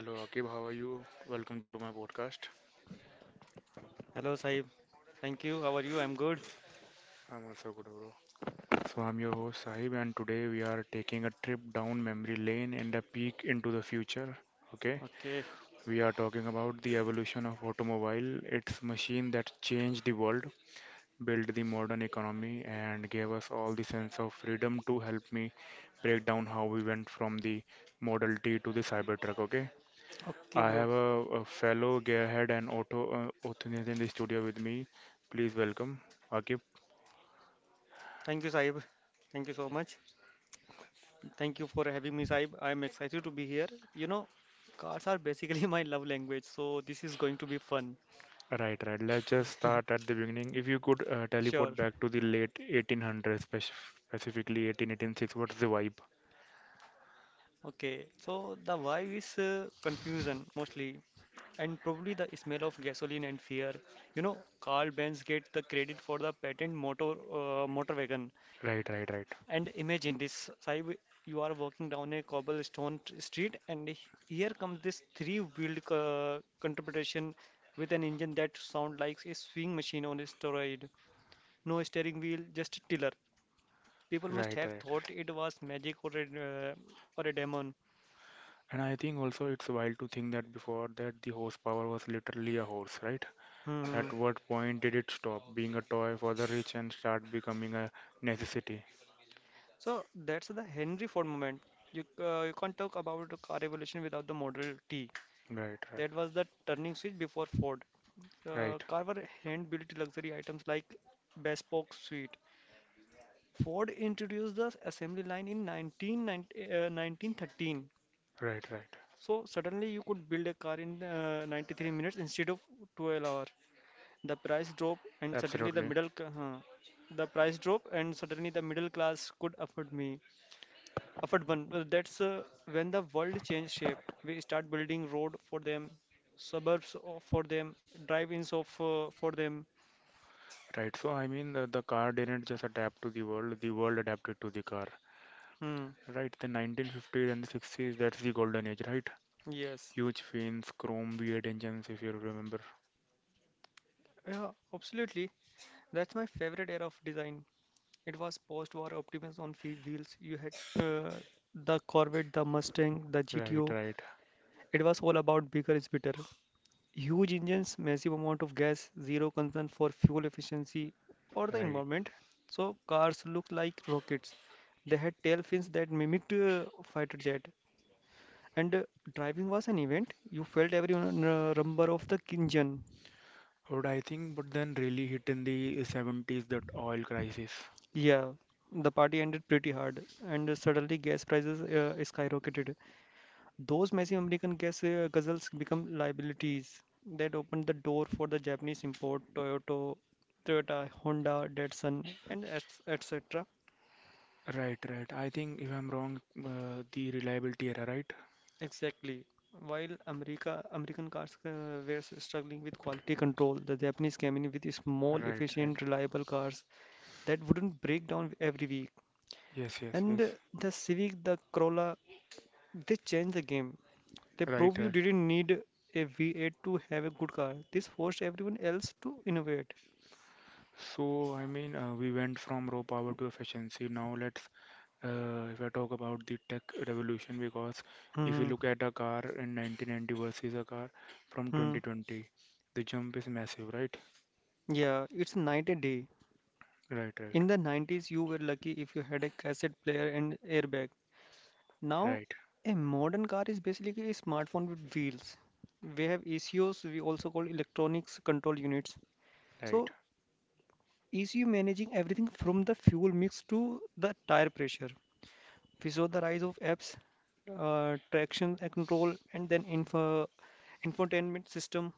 Hello Akib, how are you? Welcome to my podcast. Hello, Saib. Thank you. How are you? I'm good. I'm also good, bro. So I'm your host Sahib, and today we are taking a trip down memory lane and a peek into the future. Okay, Okay. we are talking about the evolution of automobile. It's machine that changed the world, built the modern economy, and gave us all the sense of freedom. To help me break down how we went from the Model T to the Cybertruck. Okay. Okay, I bro. have a fellow gearhead and auto enthusiast in the studio with me. Please welcome Akib. Thank you, Saib. Thank you so much. Thank you for having me, Saib. I'm excited to be here. You know, cars are basically my love language, so this is going to be fun. Right, right. Let's just start at the beginning. If you could teleport Sure. back to the late 1800s, specifically 1886, what's the vibe? Okay. So the vibe is confusion mostly, and probably the smell of gasoline and fear. You know, Carl Benz get the credit for the patent motor motor wagon. Right, right, right. And imagine this, Saib, you are walking down a street, and here comes this three-wheeled contribution with an engine that sound like a swing machine on a steroid. No steering wheel, just a tiller. People must Right, have right. thought it was magic or or a demon. And I think also it's wild to think that before that the horsepower was literally a horse, right? Hmm. At what point did it stop being a toy for the rich and start becoming a necessity? So that's the Henry Ford moment. You can't talk about the car revolution without the Model T. Right, right, That was the turning switch before Ford. Right, Carver hand-built luxury items like bespoke suite. Ford introduced the assembly line in 1990 uh, 1913. right, right. So suddenly you could build a car in 93 minutes instead of 12 hours. The price drop and suddenly the Absolutely. middle ca- huh. The price drop and suddenly the middle class could afford me. Afadban, well, that's when the world changed shape. We start building road for them, for them, drive-ins of for them. Right. So I mean, the car didn't just adapt to the world adapted to the car. Hmm. Right. The 1950s and the 60s, that's the golden age, right? Yes. Huge fins, chrome, weird engines, if you remember. Yeah, absolutely. That's my favorite era of design. It was post-war optimism on wheels. You had uh, the Corvette, the Mustang, the Right. GTO. Right. It was all about bigger is better. Huge engines, massive amount of gas, zero concern for fuel efficiency or the Right. environment. So cars look like rockets. They had tail fins that mimicked fighter jet. And driving was an event. You felt rumble of the engine. But I think, but then really hit in the 70s, that oil crisis. Yeah, the party ended pretty hard, and suddenly gas prices skyrocketed. Those massive American gas guzzles become liabilities that opened the door for the Japanese import Toyota, Honda, Datsun, and etc. Right. Right. I think, if I'm wrong, the reliability era, right? Exactly. While American cars were struggling with quality control, the Japanese came in with small, Right. Right. efficient, reliable cars that wouldn't break down every week. Yes. Yes. And Yes. the Civic, the Corolla, they changed the game. They Right. proved you Right. didn't need a V8 to have a good car. This forced everyone else to innovate. So, I mean, we went from raw power to efficiency. Now, let's if I talk about the tech revolution, because if you Hmm. look at a car in 1990 versus a car from Hmm. 2020, the jump is massive, right? Yeah, it's night and day. Right, right, In the 90s, you were lucky if you had a cassette player and airbag. Now, right, a modern car is basically a smartphone with wheels. We have ECUs, we also call electronics control units. So, right, ECU managing everything from the fuel mix to the tire pressure. We saw the rise of apps, traction and control, and then infotainment system.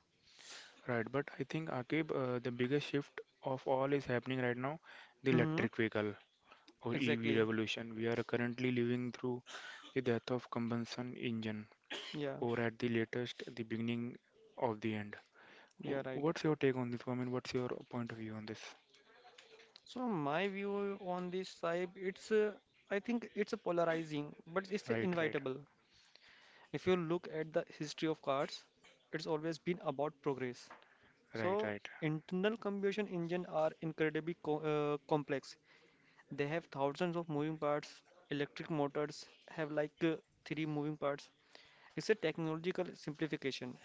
right. But I think, Akib, the biggest shift of all is happening right now, the Hmm. electric vehicle or EV Exactly. revolution. We are currently living through the death of combustion engine, Yeah, or at the latest, the beginning of the end. yeah, right. What's your take on this? I mean, what's your point of view on this? So my view on this, Saib, it's I think it's a polarizing, but it's a Right, right, invitable. If you look at the history of cars, it's always been about progress. right, So right, internal combustion engine are complex. They have thousands of moving parts. Electric motors have three moving parts. It's a technological simplification.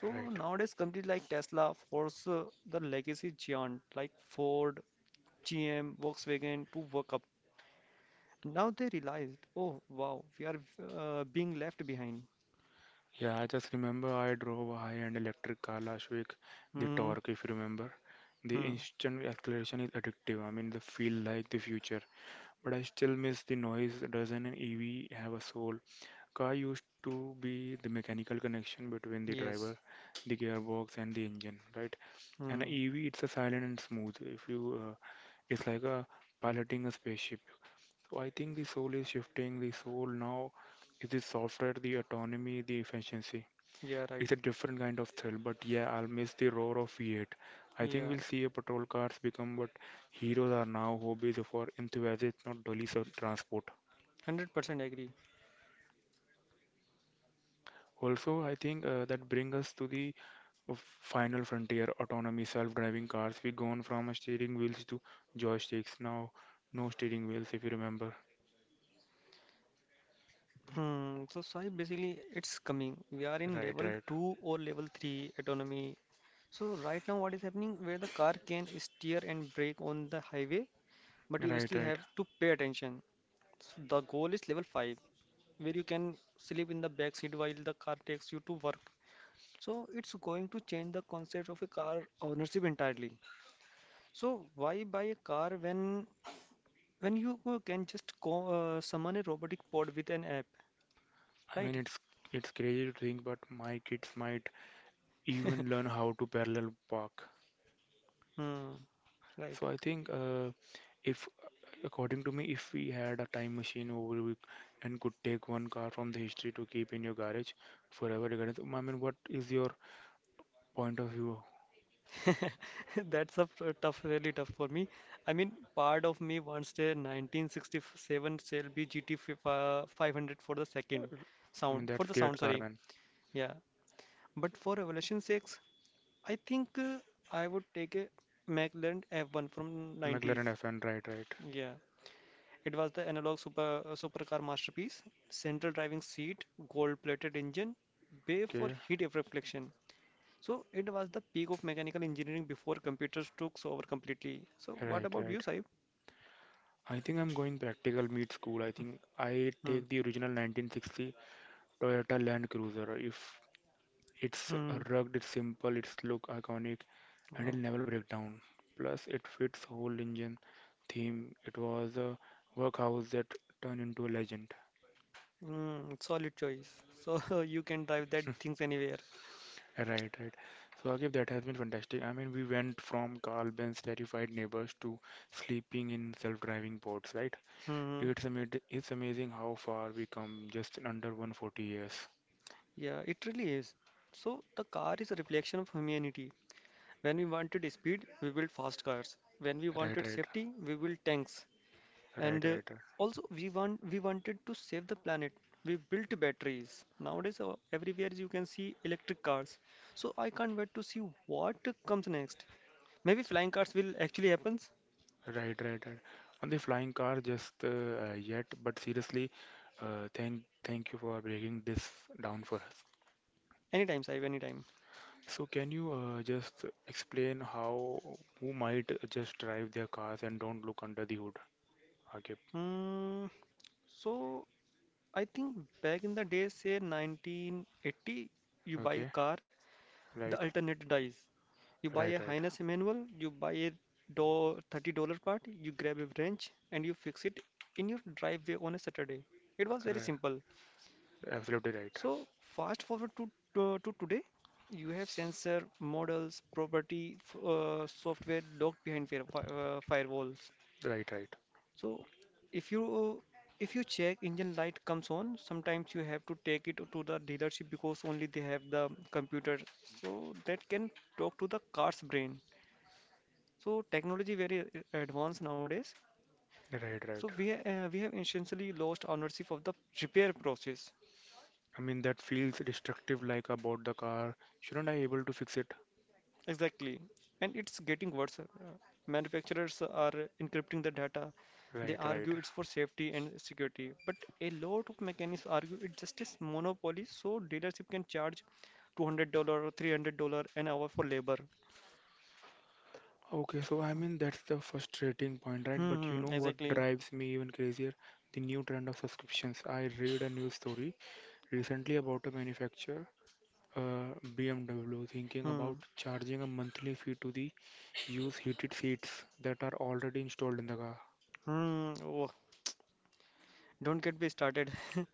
So right. nowadays, companies like Tesla force the legacy giant like Ford, GM, Volkswagen to work up. Now they realized, oh wow, we are being left behind. Yeah, I just remember I drove a high-end electric car last week. The Hmm. torque, if you remember, the Hmm. instant acceleration is addictive. I mean, they feel like the future. But I still miss the noise. Doesn't an EV have a soul? Car used to be the mechanical connection between the Yes. driver, the gearbox, and the engine, right? And a Hmm. EV, it's a silent and smooth. If you, it's like a piloting a spaceship. So I think the soul is shifting. The soul now is the software, the autonomy, the efficiency. Yeah. It's Right. a different kind of thrill, but yeah, I'll miss the roar of V8. I think we'll Yeah. see a patrol cars become what heroes are now, hobbies for enthusiasts, not dollies of transport. 100% agree. Also, I think that brings us to the final frontier, autonomy, self-driving cars. We've gone from steering wheels to joysticks. Now, no steering wheels, if you remember. Hmm. So Sai, basically, it's coming. We are in Right, level right. two or level 3 autonomy. So right now, what is happening? Where the car can steer and brake on the highway, but you Right, still right. have to pay attention. So the goal is level 5, where you can sleep in the back seat while the car takes you to work. So it's going to change the concept of a car ownership entirely. So why buy a car when you can just summon a robotic pod with an app, I mean, right? it's crazy to think, but my kids might even learn how to parallel park. Hmm, right. So I think, if according to me, if we had a time machine and could take one car from the history to keep in your garage forever, regardless. I mean, what is your point of view? Tough, really tough for me. I mean, part of me wants a 1967 Shelby 500 for the Uh, I mean, that's great sound, car, sorry. man. Yeah. But for Revolution 6, I think uh, I would take a McLaren F1 from 90s. McLaren F1, right, right. Yeah. It was the analog super supercar masterpiece. Central driving seat, gold-plated engine, bay for Okay, heat reflection. So it was the peak of mechanical engineering before computers took over completely. So what right, about you, right. Saib? I think I'm going practical meet school. I think I Hmm. take the original 1960 Toyota Land Cruiser. If It's Hmm. rugged, it's simple, it's look iconic, and it'll Wow. never break down. Plus, it fits whole engine theme. It was a workhouse that turned into a legend. Hmm. Solid choice. So you can drive that things anywhere. Right, right. So, Akif, that has been fantastic. I mean, we went from Carl Benz terrified neighbors to sleeping in self-driving pods, right? Hmm. Hmm. It's amazing how far we come just in under 140 years. Yeah, it really is. So the car is a reflection of humanity. When we wanted speed, we built fast cars. When we Right, wanted right, safety, we built tanks. right, And right. Right. also we wanted to save the planet. We built batteries. Nowadays everywhere you can see electric cars, so I can't wait to see what comes next. Maybe flying cars will actually happens. Right, right, right. On the flying car, just yet, but seriously, thank you for breaking this down for us. Anytime, Saib, anytime. So, can you just explain how who might just drive their cars and don't look under the hood? Okay, Hmm. So I think back in the day, say 1980, you buy a okay, car, the right, alternator dies. You buy right, a right, Highness manual, you buy a $30 part, you grab a wrench, and you fix it in your driveway on a Saturday. It was very right. simple. Absolutely right, So, fast forward to today, you have sensor models, software locked behind firewalls. right, right, So, if you if you check engine light comes on, sometimes you have to take it to the dealership because only they have the computer. So that can talk to the car's brain. So technology very advanced nowadays. right, So right. We have essentially lost ownership of the repair process. I mean that feels destructive, like I bought the car. Shouldn't I able to fix it? Exactly, and it's getting worse. Manufacturers are encrypting the data. They Right, right. argue it's for safety and security, but a lot of mechanics argue it's just monopoly. So dealership can charge 200 dollar or 300 dollar an hour for labor. Okay, so I mean that's the frustrating point, right? But you Hmm. know Hmm, what exactly. drives me even crazier? The new trend of subscriptions. I read a news story recently about a manufacturer, BMW, thinking Hmm. about charging a monthly fee to the use heated seats that are already installed in the car. Hmm. Oh, don't get me started.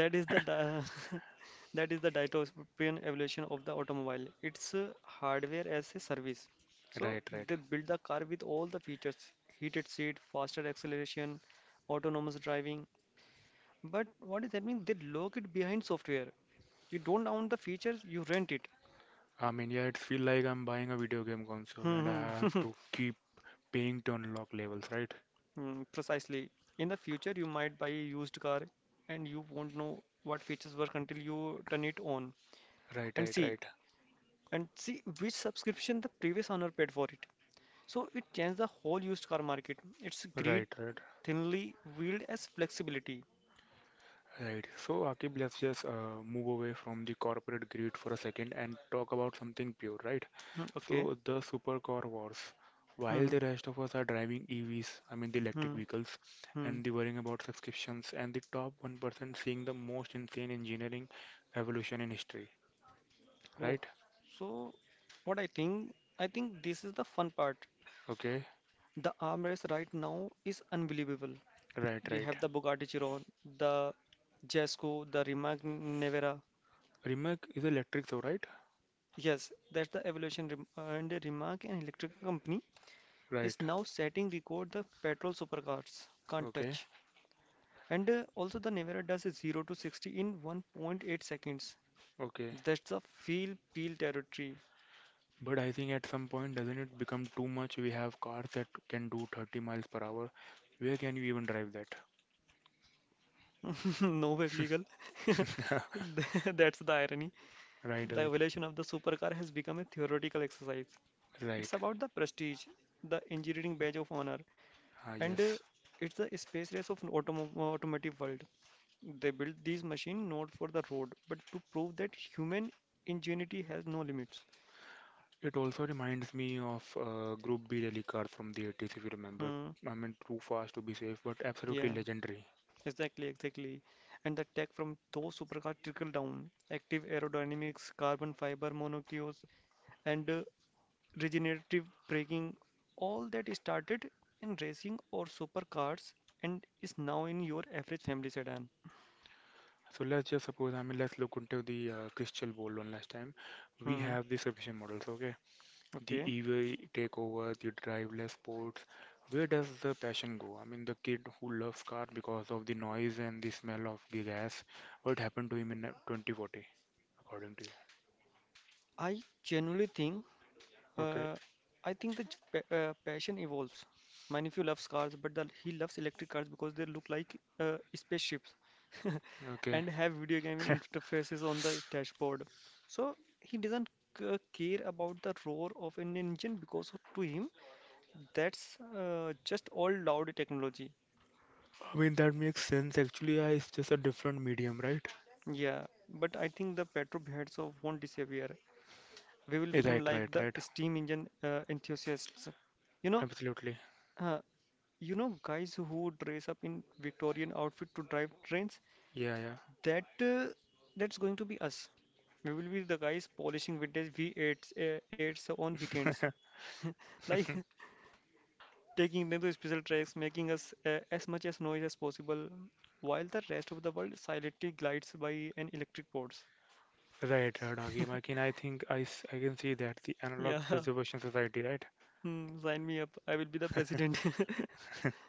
That is the di- that is the dystopian evolution of the automobile. It's a hardware as a service. So Right, right. they build the car with all the features: heated seat, faster acceleration, autonomous driving. But what does that mean? They lock it behind software. You don't own the features; you rent it. I mean, yeah, it feels like I'm buying a video game console and Hmm, I hmm. have to keep paying to unlock levels, right? Hmm, precisely. In the future, you might buy a used car, and you won't know what features work until you turn it on Right, and right, right. See which subscription the previous owner paid for it. So it changed the whole used car market. It's greed Right, right. thinly veiled as flexibility. Right. So, Akib, let's just move away from the corporate greed for a second and talk about something pure, right? Hmm, okay. So, the supercar wars. While Hmm. the rest of us are driving EVs, I mean the electric Hmm. vehicles, Hmm. and the worrying about subscriptions, and the top 1% seeing the most insane engineering evolution in history, Oh. right? So what I think this is the fun part. Okay. The arm race right now is unbelievable. Right, You right. have the Bugatti Chiron, the Jasco, the Rimac Nevera. Rimac is electric, so right? Yes, that's the evolution. And the Rimac, an electric company, is Right. now setting record the petrol supercars can't Okay. touch. And also the Nevera does is 0 to 60 in 1.8 seconds. Okay. That's a feel peel territory. But I think at some point, doesn't it become too much? We have cars that can do 30 miles per hour. Where can you even drive that? Nowhere legal. That's the irony. Right, The right, evolution of the supercar has become a theoretical exercise. It's right. about the prestige, the engineering badge of honor, Ah, and yes. it's the space race of an automotive world. They built these machines not for the road, but to prove that human ingenuity has no limits. It also reminds me of Group B rally car from the 80s, if you remember. Hmm, I mean, too fast to be safe, but absolutely yeah. legendary. Exactly, exactly. And the tech from those supercars trickle down. Active aerodynamics, carbon fiber monocoques, and regenerative braking. All that started in racing or supercars and is now in your average family sedan. So let's just suppose, I mean, let's look into the crystal ball one last time. We Hmm. have the sufficient models, okay? The Okay. EV takeover, the driveless sports. Where does the passion go? I mean, the kid who loves car because of the noise and the smell of the gas. What happened to him in 2040, according to I genuinely think. you? Okay, Uh, I think passion evolves. Manifio loves cars, but he loves electric cars because they look like spaceships okay. and have video game interfaces on the dashboard. So he doesn't care about the roar of an engine because to him that's just all loud technology. I mean, that makes sense. Actually, yeah, it's just a different medium, right? Yeah, but I think the petrol heads of won't disappear. We will Eh, become right, like right, the right. steam engine enthusiasts. You know, Absolutely. uh, You know, guys who dress up in Victorian outfit to drive trains, Yeah, that uh, that's going to be us. We will be the guys polishing vintage V8s uh, 8s on weekends, yeah. like taking them to special tracks, making us as much as noise as possible, while the rest of the world silently glides by an electric boards. Right, right, Agim. I can, I think I, s- I can see that the analog Yeah, preservation society, right? hmm, sign me up. I will be the president.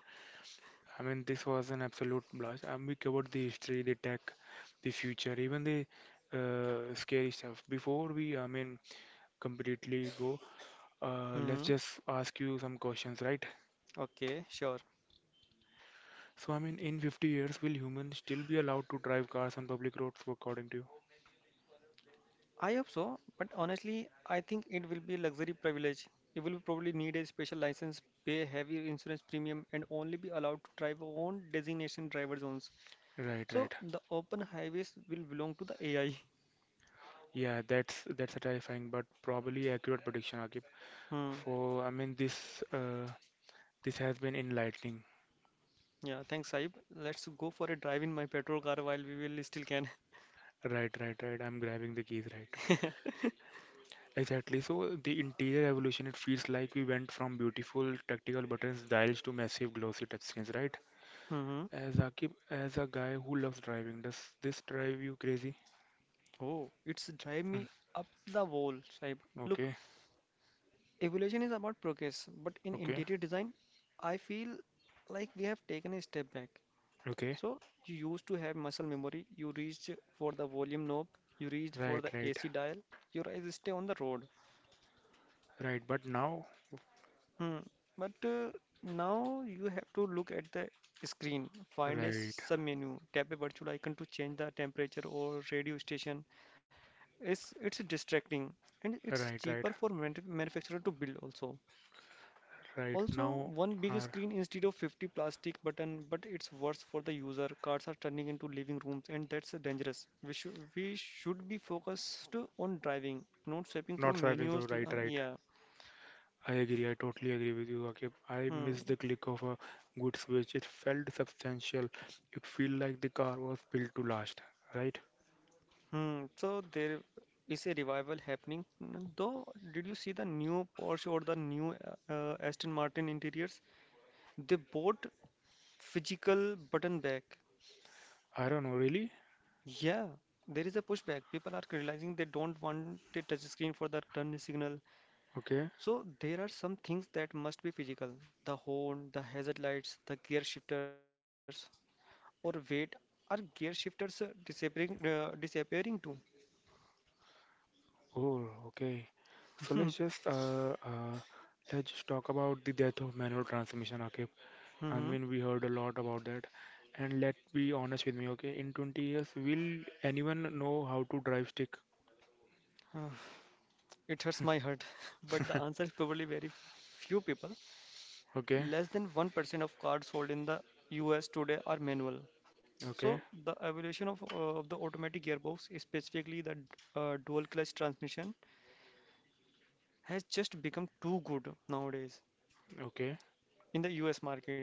I mean, this was an absolute blast. And we covered the history, the tech, the future, even the scary stuff. Before we, I mean, completely go, let's Hmm. just ask you some questions, right? Okay, sure. So, I mean, in 50 years, will humans still be allowed to drive cars on public roads, according to you? I hope so, but honestly, I think it will be a luxury privilege. You will probably need a special license, pay heavy insurance premium, and only be allowed to drive on designation driver zones. Right, So right. the open highways will belong to the AI. Yeah, that's a terrifying but probably accurate prediction, Akib. Hmm. For I mean, this has been enlightening. Yeah, thanks, Saib. Let's go for a drive in my petrol car while we will still can. Right, right, right. I'm grabbing the keys, right. Exactly. So the interior evolution, it feels like we went from beautiful tactical buttons dials to massive glossy touchscreens, right? Hmm. As Akib, as a guy who loves driving, does this drive you crazy? Oh, it's drive Hmm. me up the wall, Saib. Look, Okay, evolution is about progress, but in okay, interior design, I feel like we have taken a step back. okay. So you used to have muscle memory. You reached for the volume knob. You reached for Right, the right, AC dial. Your eyes stay on the road. right. But now, Hmm. But Now you have to look at the screen, find a right, submenu, tap a virtual icon to change the temperature or radio station. It's distracting and it's right, right, cheaper for manufacturer to build also. right. Also, Now one big are screen instead of 50 plastic button, but it's worse for the user. Cars are turning into living rooms, and that's dangerous. We should be focused on driving, not swiping through not swiping through. menus. Right, uh, right. Yeah. I agree. I totally agree with you, Akib. I Hmm. miss the click of a good switch. It felt substantial. It felt like the car was built to last, right? Hmm. So there is a revival happening. Though, did you see the new Porsche or the new Aston Martin interiors? They bought physical button back. I don't know, really? Yeah, there is a pushback. People are realizing they don't want a touch screen for the turn signal. Okay. So there are some things that must be physical. The horn, the hazard lights, the gear shifters, or wait, are gear shifters disappearing? Disappearing too? Oh, okay. So let's just talk about the death of manual transmission, okay? I Hmm mean, we heard a lot about that. And let be honest with me, okay? In 20 years, will anyone know how to drive stick? It hurts my heart, but the answer is probably very few people. Okay, Less than 1% of cars sold in the US today are manual. okay, So the evolution of, of the automatic gearbox, specifically the dual clutch transmission, has just become too good nowadays okay, in the US market.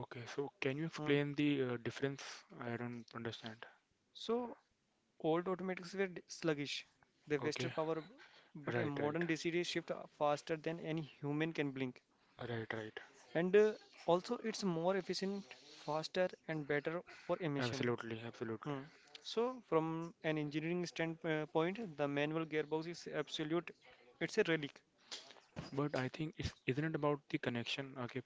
okay. So can you Uh, explain the difference? I don't understand. so Old automatics were sluggish, they Okay, wasted power, but a right, modern right, DCD shift faster than any human can blink. right, right. And also, it's more efficient, faster, and better for emission. Absolutely, absolutely. Hmm. So, from an engineering standpoint, the manual gearbox is absolute, it's a relic. But I think it's isn't it about the connection? Okay,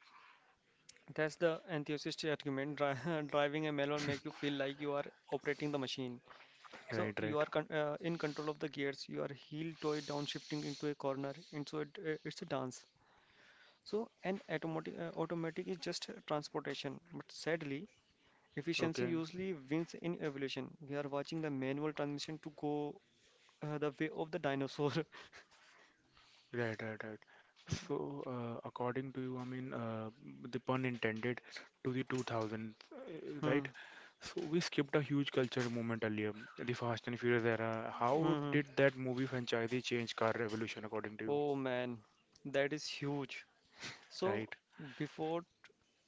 That's the enthusiast argument. Driving a manual make you feel like you are operating the machine. So right, right. you are in control of the gears. You are heel toe downshifting into a corner. It's a dance. So an automatic is just transportation, but sadly, efficiency Okay, usually wins in evolution. We are watching the manual transmission to go the way of the dinosaur. right, right, right. So, according to you, I mean, the pun intended to the 2000, right? Hmm, So, we skipped a huge culture moment earlier, the Fast and Furious era. How mhm. did that movie franchise change car revolution according to you? Oh man, that is huge. So Right, before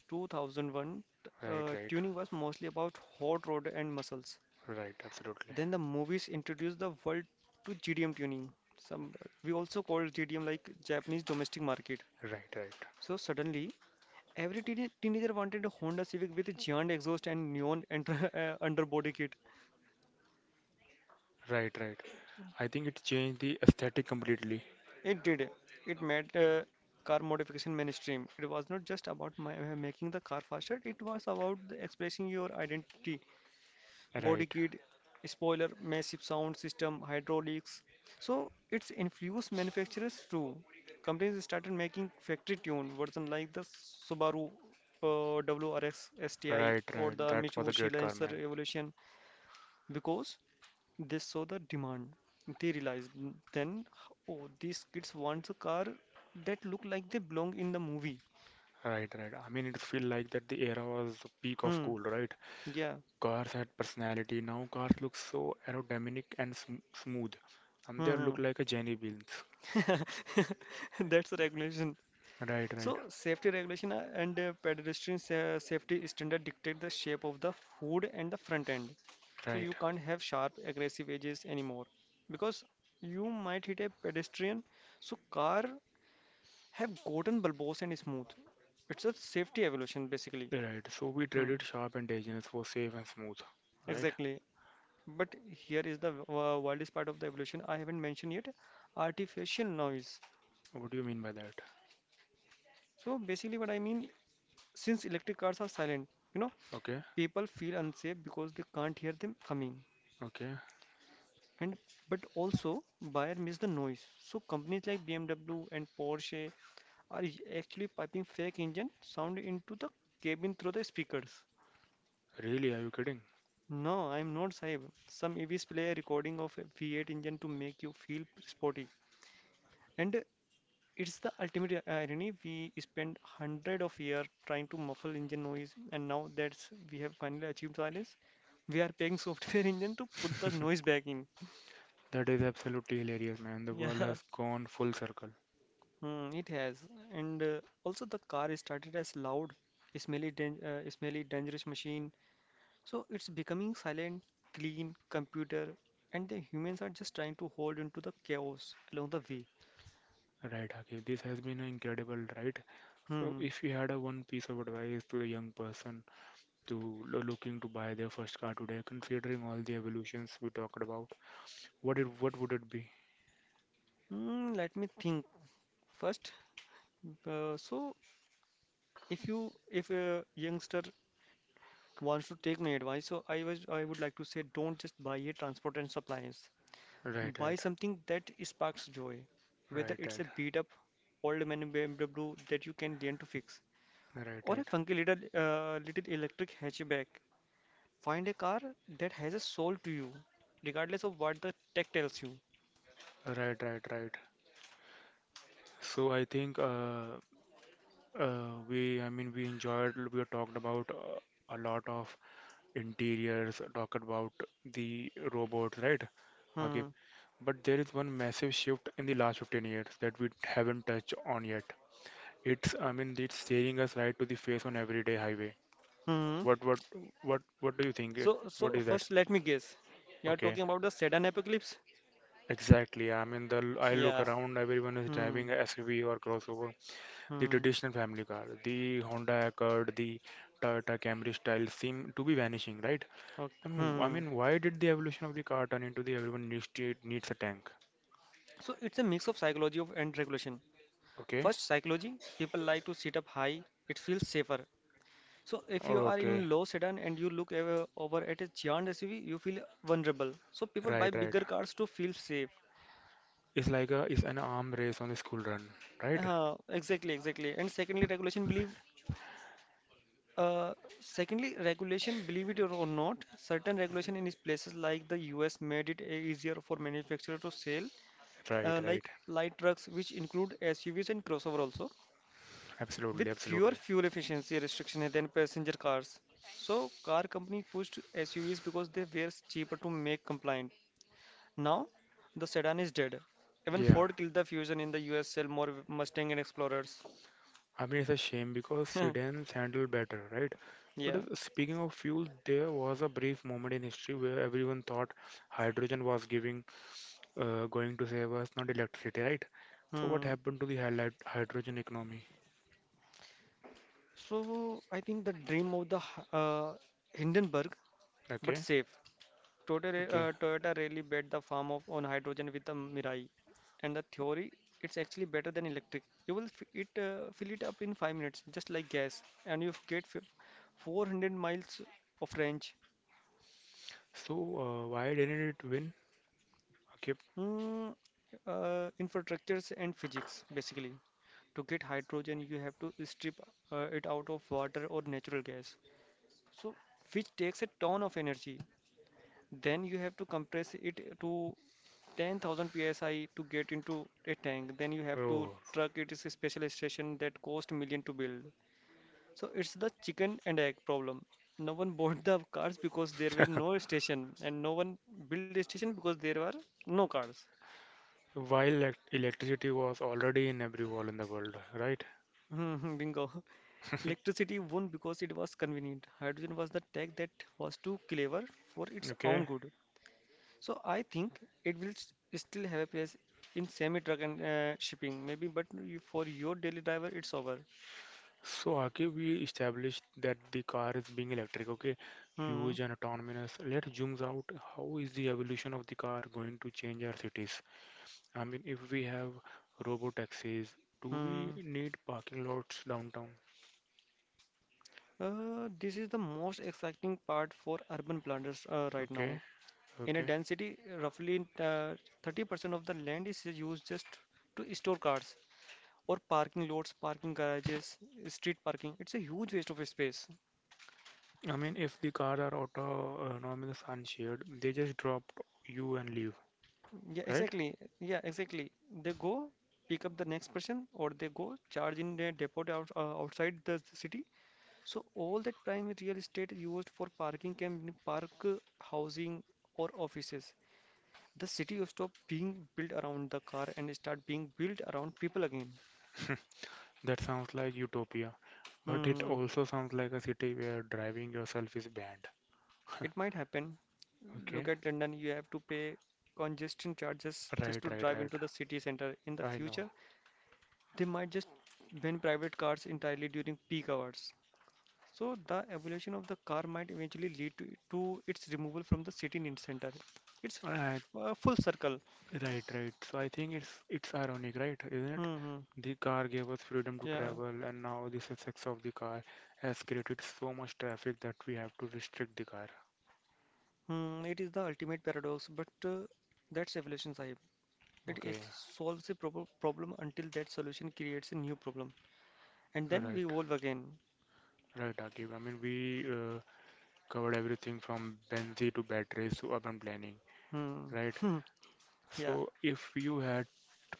2001, right, right, tuning was mostly about hot rod and muscles. right, absolutely. Then the movies introduced the world to GDM tuning. Some we also call GDM like Japanese domestic market. Right, right, So suddenly every teenager wanted a Honda Civic with a giant exhaust and neon enter- underbody kit. right, right. I think it changed the aesthetic completely. It did. It made car modification mainstream. It was not just about making the car faster, it was about the expressing your identity. Body Right, kit, spoiler, massive sound system, hydraulics. So it's influenced manufacturers too. Companies started making factory tuned version like the Subaru WRX STI right, or right. the That was a Mitsubishi great car, Lancer man. Evolution because they saw the demand. They realized then, oh, these kids want a car that look like they belong in the movie. Right, right. I mean, it feel like that the era was the peak of Hmm. cool, right? Yeah. Cars had personality. Now cars look so aerodynamic and smooth. And they look Hmm. like a Jenny beans. hmm. That's the regulation. Right, right, So safety regulation and pedestrian safety standard dictate the shape of the hood and the front end. So you right, can't have sharp, aggressive edges anymore because you might hit a pedestrian. So car have gotten bulbous and smooth. It's a safety evolution basically. right. So we Hmm. traded sharp and dangerous for safe and smooth. Right? Exactly. But here is the wildest part of the evolution I haven't mentioned yet, artificial noise. What do you mean by that? So, basically, what I mean, since electric cars are silent, you know, Okay, people feel unsafe because they can't hear them coming. okay. And but also, buyer miss the noise. So, companies like BMW and Porsche are actually piping fake engine sound into the cabin through the speakers. Really? Are you kidding? No, I'm not Saib. Some EVs play a recording of a V8 engine to make you feel sporty. And it's the ultimate irony. We spent hundred of years trying to muffle engine noise, and now that we have finally achieved silence, we are paying software engine to put the noise back in. That is absolutely hilarious, man. The world Yeah, has gone full circle. mm, it has. And also, the car started as loud, smelly, smelly, dangerous machine. So it's becoming silent, clean computer, and the humans are just trying to hold into the chaos along the way. Right, Akif. This has been incredible, right? So, Hmm. if you had a one piece of advice to a young person to looking to buy their first car today, considering all the evolutions we talked about, what would it be? Hmm, let me think. First, uh, so if you if a youngster wants to take my advice, so I would like to say don't just buy a transport and supplies, Right, buy right, something that sparks joy, whether right, it's right, a beat up old man BMW that you can learn to fix or a right, funky little little electric hatchback, find a car that has a soul to you regardless of what the tech tells you. right, right, right, right. So I think we, I mean, we enjoyed. We talked about a lot of interiors. Talked about the robots, right? Okay, Hmm but there is one massive shift in the last 15 years that we haven't touched on yet. It's staring us right to the face on everyday highway. hmm. What, what, what do you think? So What is that? first let me guess, you are Okay. talking about the sedan apocalypse. Exactly. I mean, the I look Yeah around, everyone is hmm driving a SUV or crossover. The hmm traditional family car, the Honda Accord, the Toyota Camry style seem to be vanishing, right? okay I mean, I hmm. mean, why did the evolution of the car turn into the everyone needs a tank? So it's a mix of psychology of and regulation. Okay. First, psychology, people like to sit up high, it feels safer. So if you are Okay. in low sedan and you look over at a giant SUV, you feel vulnerable. So people buy Right, right. bigger cars to feel safe. It's like a it's an arm race on the school run, right? Exactly, exactly. And secondly, regulation believe. Uh, secondly, regulation, believe it or not, certain regulation in places like the US made it easier for manufacturer to sell, Right, like right. light trucks, which include SUVs and crossover also, Absolutely, with fewer absolutely. fuel efficiency restrictions than passenger cars. So car companies pushed SUVs because they were cheaper to make compliant. Now the sedan is dead. Even Yeah. Ford killed the Fusion in the US sell more Mustang and Explorers. I mean, it's a shame because sedans handle better, right? But yeah. Speaking of fuel, there was a brief moment in history where everyone thought hydrogen was going to save us, not electricity, right? So what Hmm. happened to the hydrogen economy? So I think the dream of the Hindenburg, but Okay, safe. Toyota, okay. uh, Toyota really bet the farm of on hydrogen with the Mirai, and the theory it's actually better than electric. You will f- it fill it up in 5 minutes, just like gas, and 400 miles of range. So why didn't it win? Okay. Mm, infrastructures and physics basically. To get hydrogen, you have to strip it out of water or natural gas, so which takes a ton of energy. Then you have to compress it to 10,000 psi to get into a tank. Then you have to Oh. truck it to a special station that cost million to build. So it's the chicken and egg problem. No one bought the cars because there were no station, and no one built a station because there were no cars. While electricity was already in every wall in the world, right? Bingo. Electricity won because it was convenient. Hydrogen was the tech that was too clever for its own Okay. good. So I think it will still have a place in semi truck and shipping, maybe. But you, for your daily driver, it's over. So, Akib, we established that the car is being electric, okay? Hmm. Huge and autonomous. Let's zoom out. How is the evolution of the car going to change our cities? I mean, if we have robo taxis, do we Hmm. need parking lots downtown? This is the most exciting part for urban planners right now. Okay, In a okay. density, roughly 30% of the land is used just to store cars, or parking lots, parking garages, street parking. It's a huge waste of space. I mean, if the cars are autonomous and shared, they just drop you and leave, Yeah, right? exactly. Yeah, exactly. They go pick up the next person, or they go charge in their depot outside the city. So all that prime real estate used for parking can be housing, or offices. The city will stop being built around the car and start being built around people again. That sounds like utopia, but it Hmm, also sounds like a city where driving yourself is banned. it might happen. Look Okay, at London. You have to pay congestion charges just right, to right, drive into right. the city center. In the I know. future, they might just ban private cars entirely during peak hours. So the evolution of the car might eventually lead to its removal from the city in center. It's Right, a full circle. right, right. So I think it's ironic, right? Isn't it? Hmm hmm. The car gave us freedom to Yeah. travel, and now the success of the car has created so much traffic that we have to restrict the car. Hmm, it is the ultimate paradox, but that's evolution, Sahib. It Okay, solves a problem until that solution creates a new problem, and then we right, evolve again. right, Akib. I mean, we covered everything from Benzi to batteries to urban planning, Hmm. right? yeah. So if you had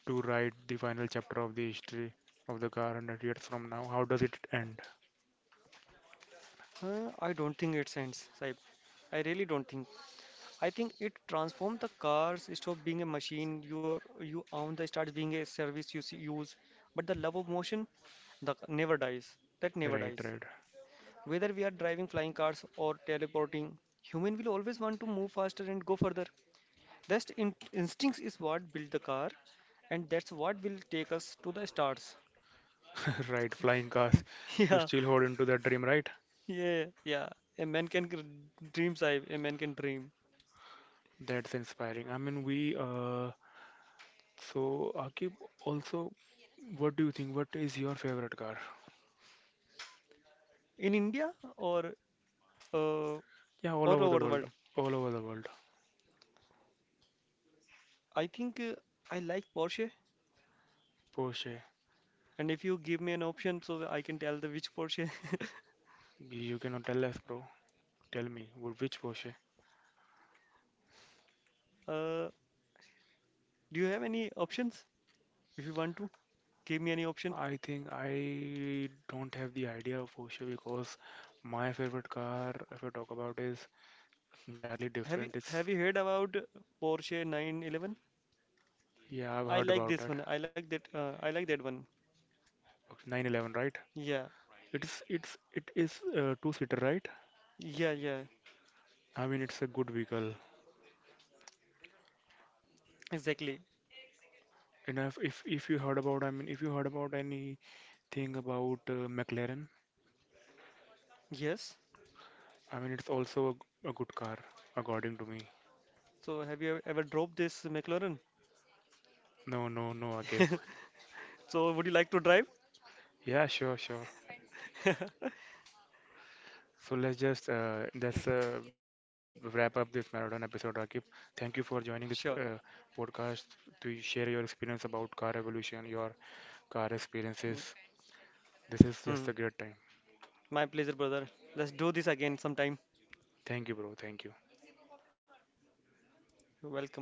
to write the final chapter of the history of the car 100 years from now, how does it end? I don't think it ends, Sahib. I really don't think. I think it transformed the cars. Stop being a machine you own. They start being a service use. But the love of motion, the never dies. That never Right, dies. right, Whether we are driving flying cars or teleporting, human will always want to move faster and go further. That instincts is what built the car, and that's what will take us to the stars. right. Flying cars. You yeah, still hold into that dream, right? Yeah. A man can dream, Saib. A man can dream That's inspiring. I mean, we, so Akib, also, what do you think? What is your favorite car? in India uh, Yeah, all or over the over the world. world. All over the world. I think I like Porsche, Porsche. and if you give me an option, so I can tell the which Porsche. You cannot tell us, bro. Tell me, which Porsche? uh, do you have any options? If you want to give me any option, I think I don't have the idea of Porsche because my favorite car, if I talk about, is entirely have you different. Have you heard about Porsche 911? Yeah, I've I heard like about this that. one. I like that. I like that one. Okay, 911, right? Yeah, It is a two-seater, right? yeah, yeah. I mean, it's a good vehicle. Exactly. And if you heard about, I mean, if you heard about anything about McLaren, Yes. I mean, it's also a good car, according to me. So have you ever dropped this McLaren? No, no, no, Akif. so would you like to drive? Yeah, sure, sure. So let's wrap up this marathon episode, Akif. Thank you for joining this sure. Podcast to share your experience about car evolution, your car Mm, experiences. This is just mm. a great time. My pleasure, brother. Let's do this again sometime. Thank you, bro. Thank you. You're welcome.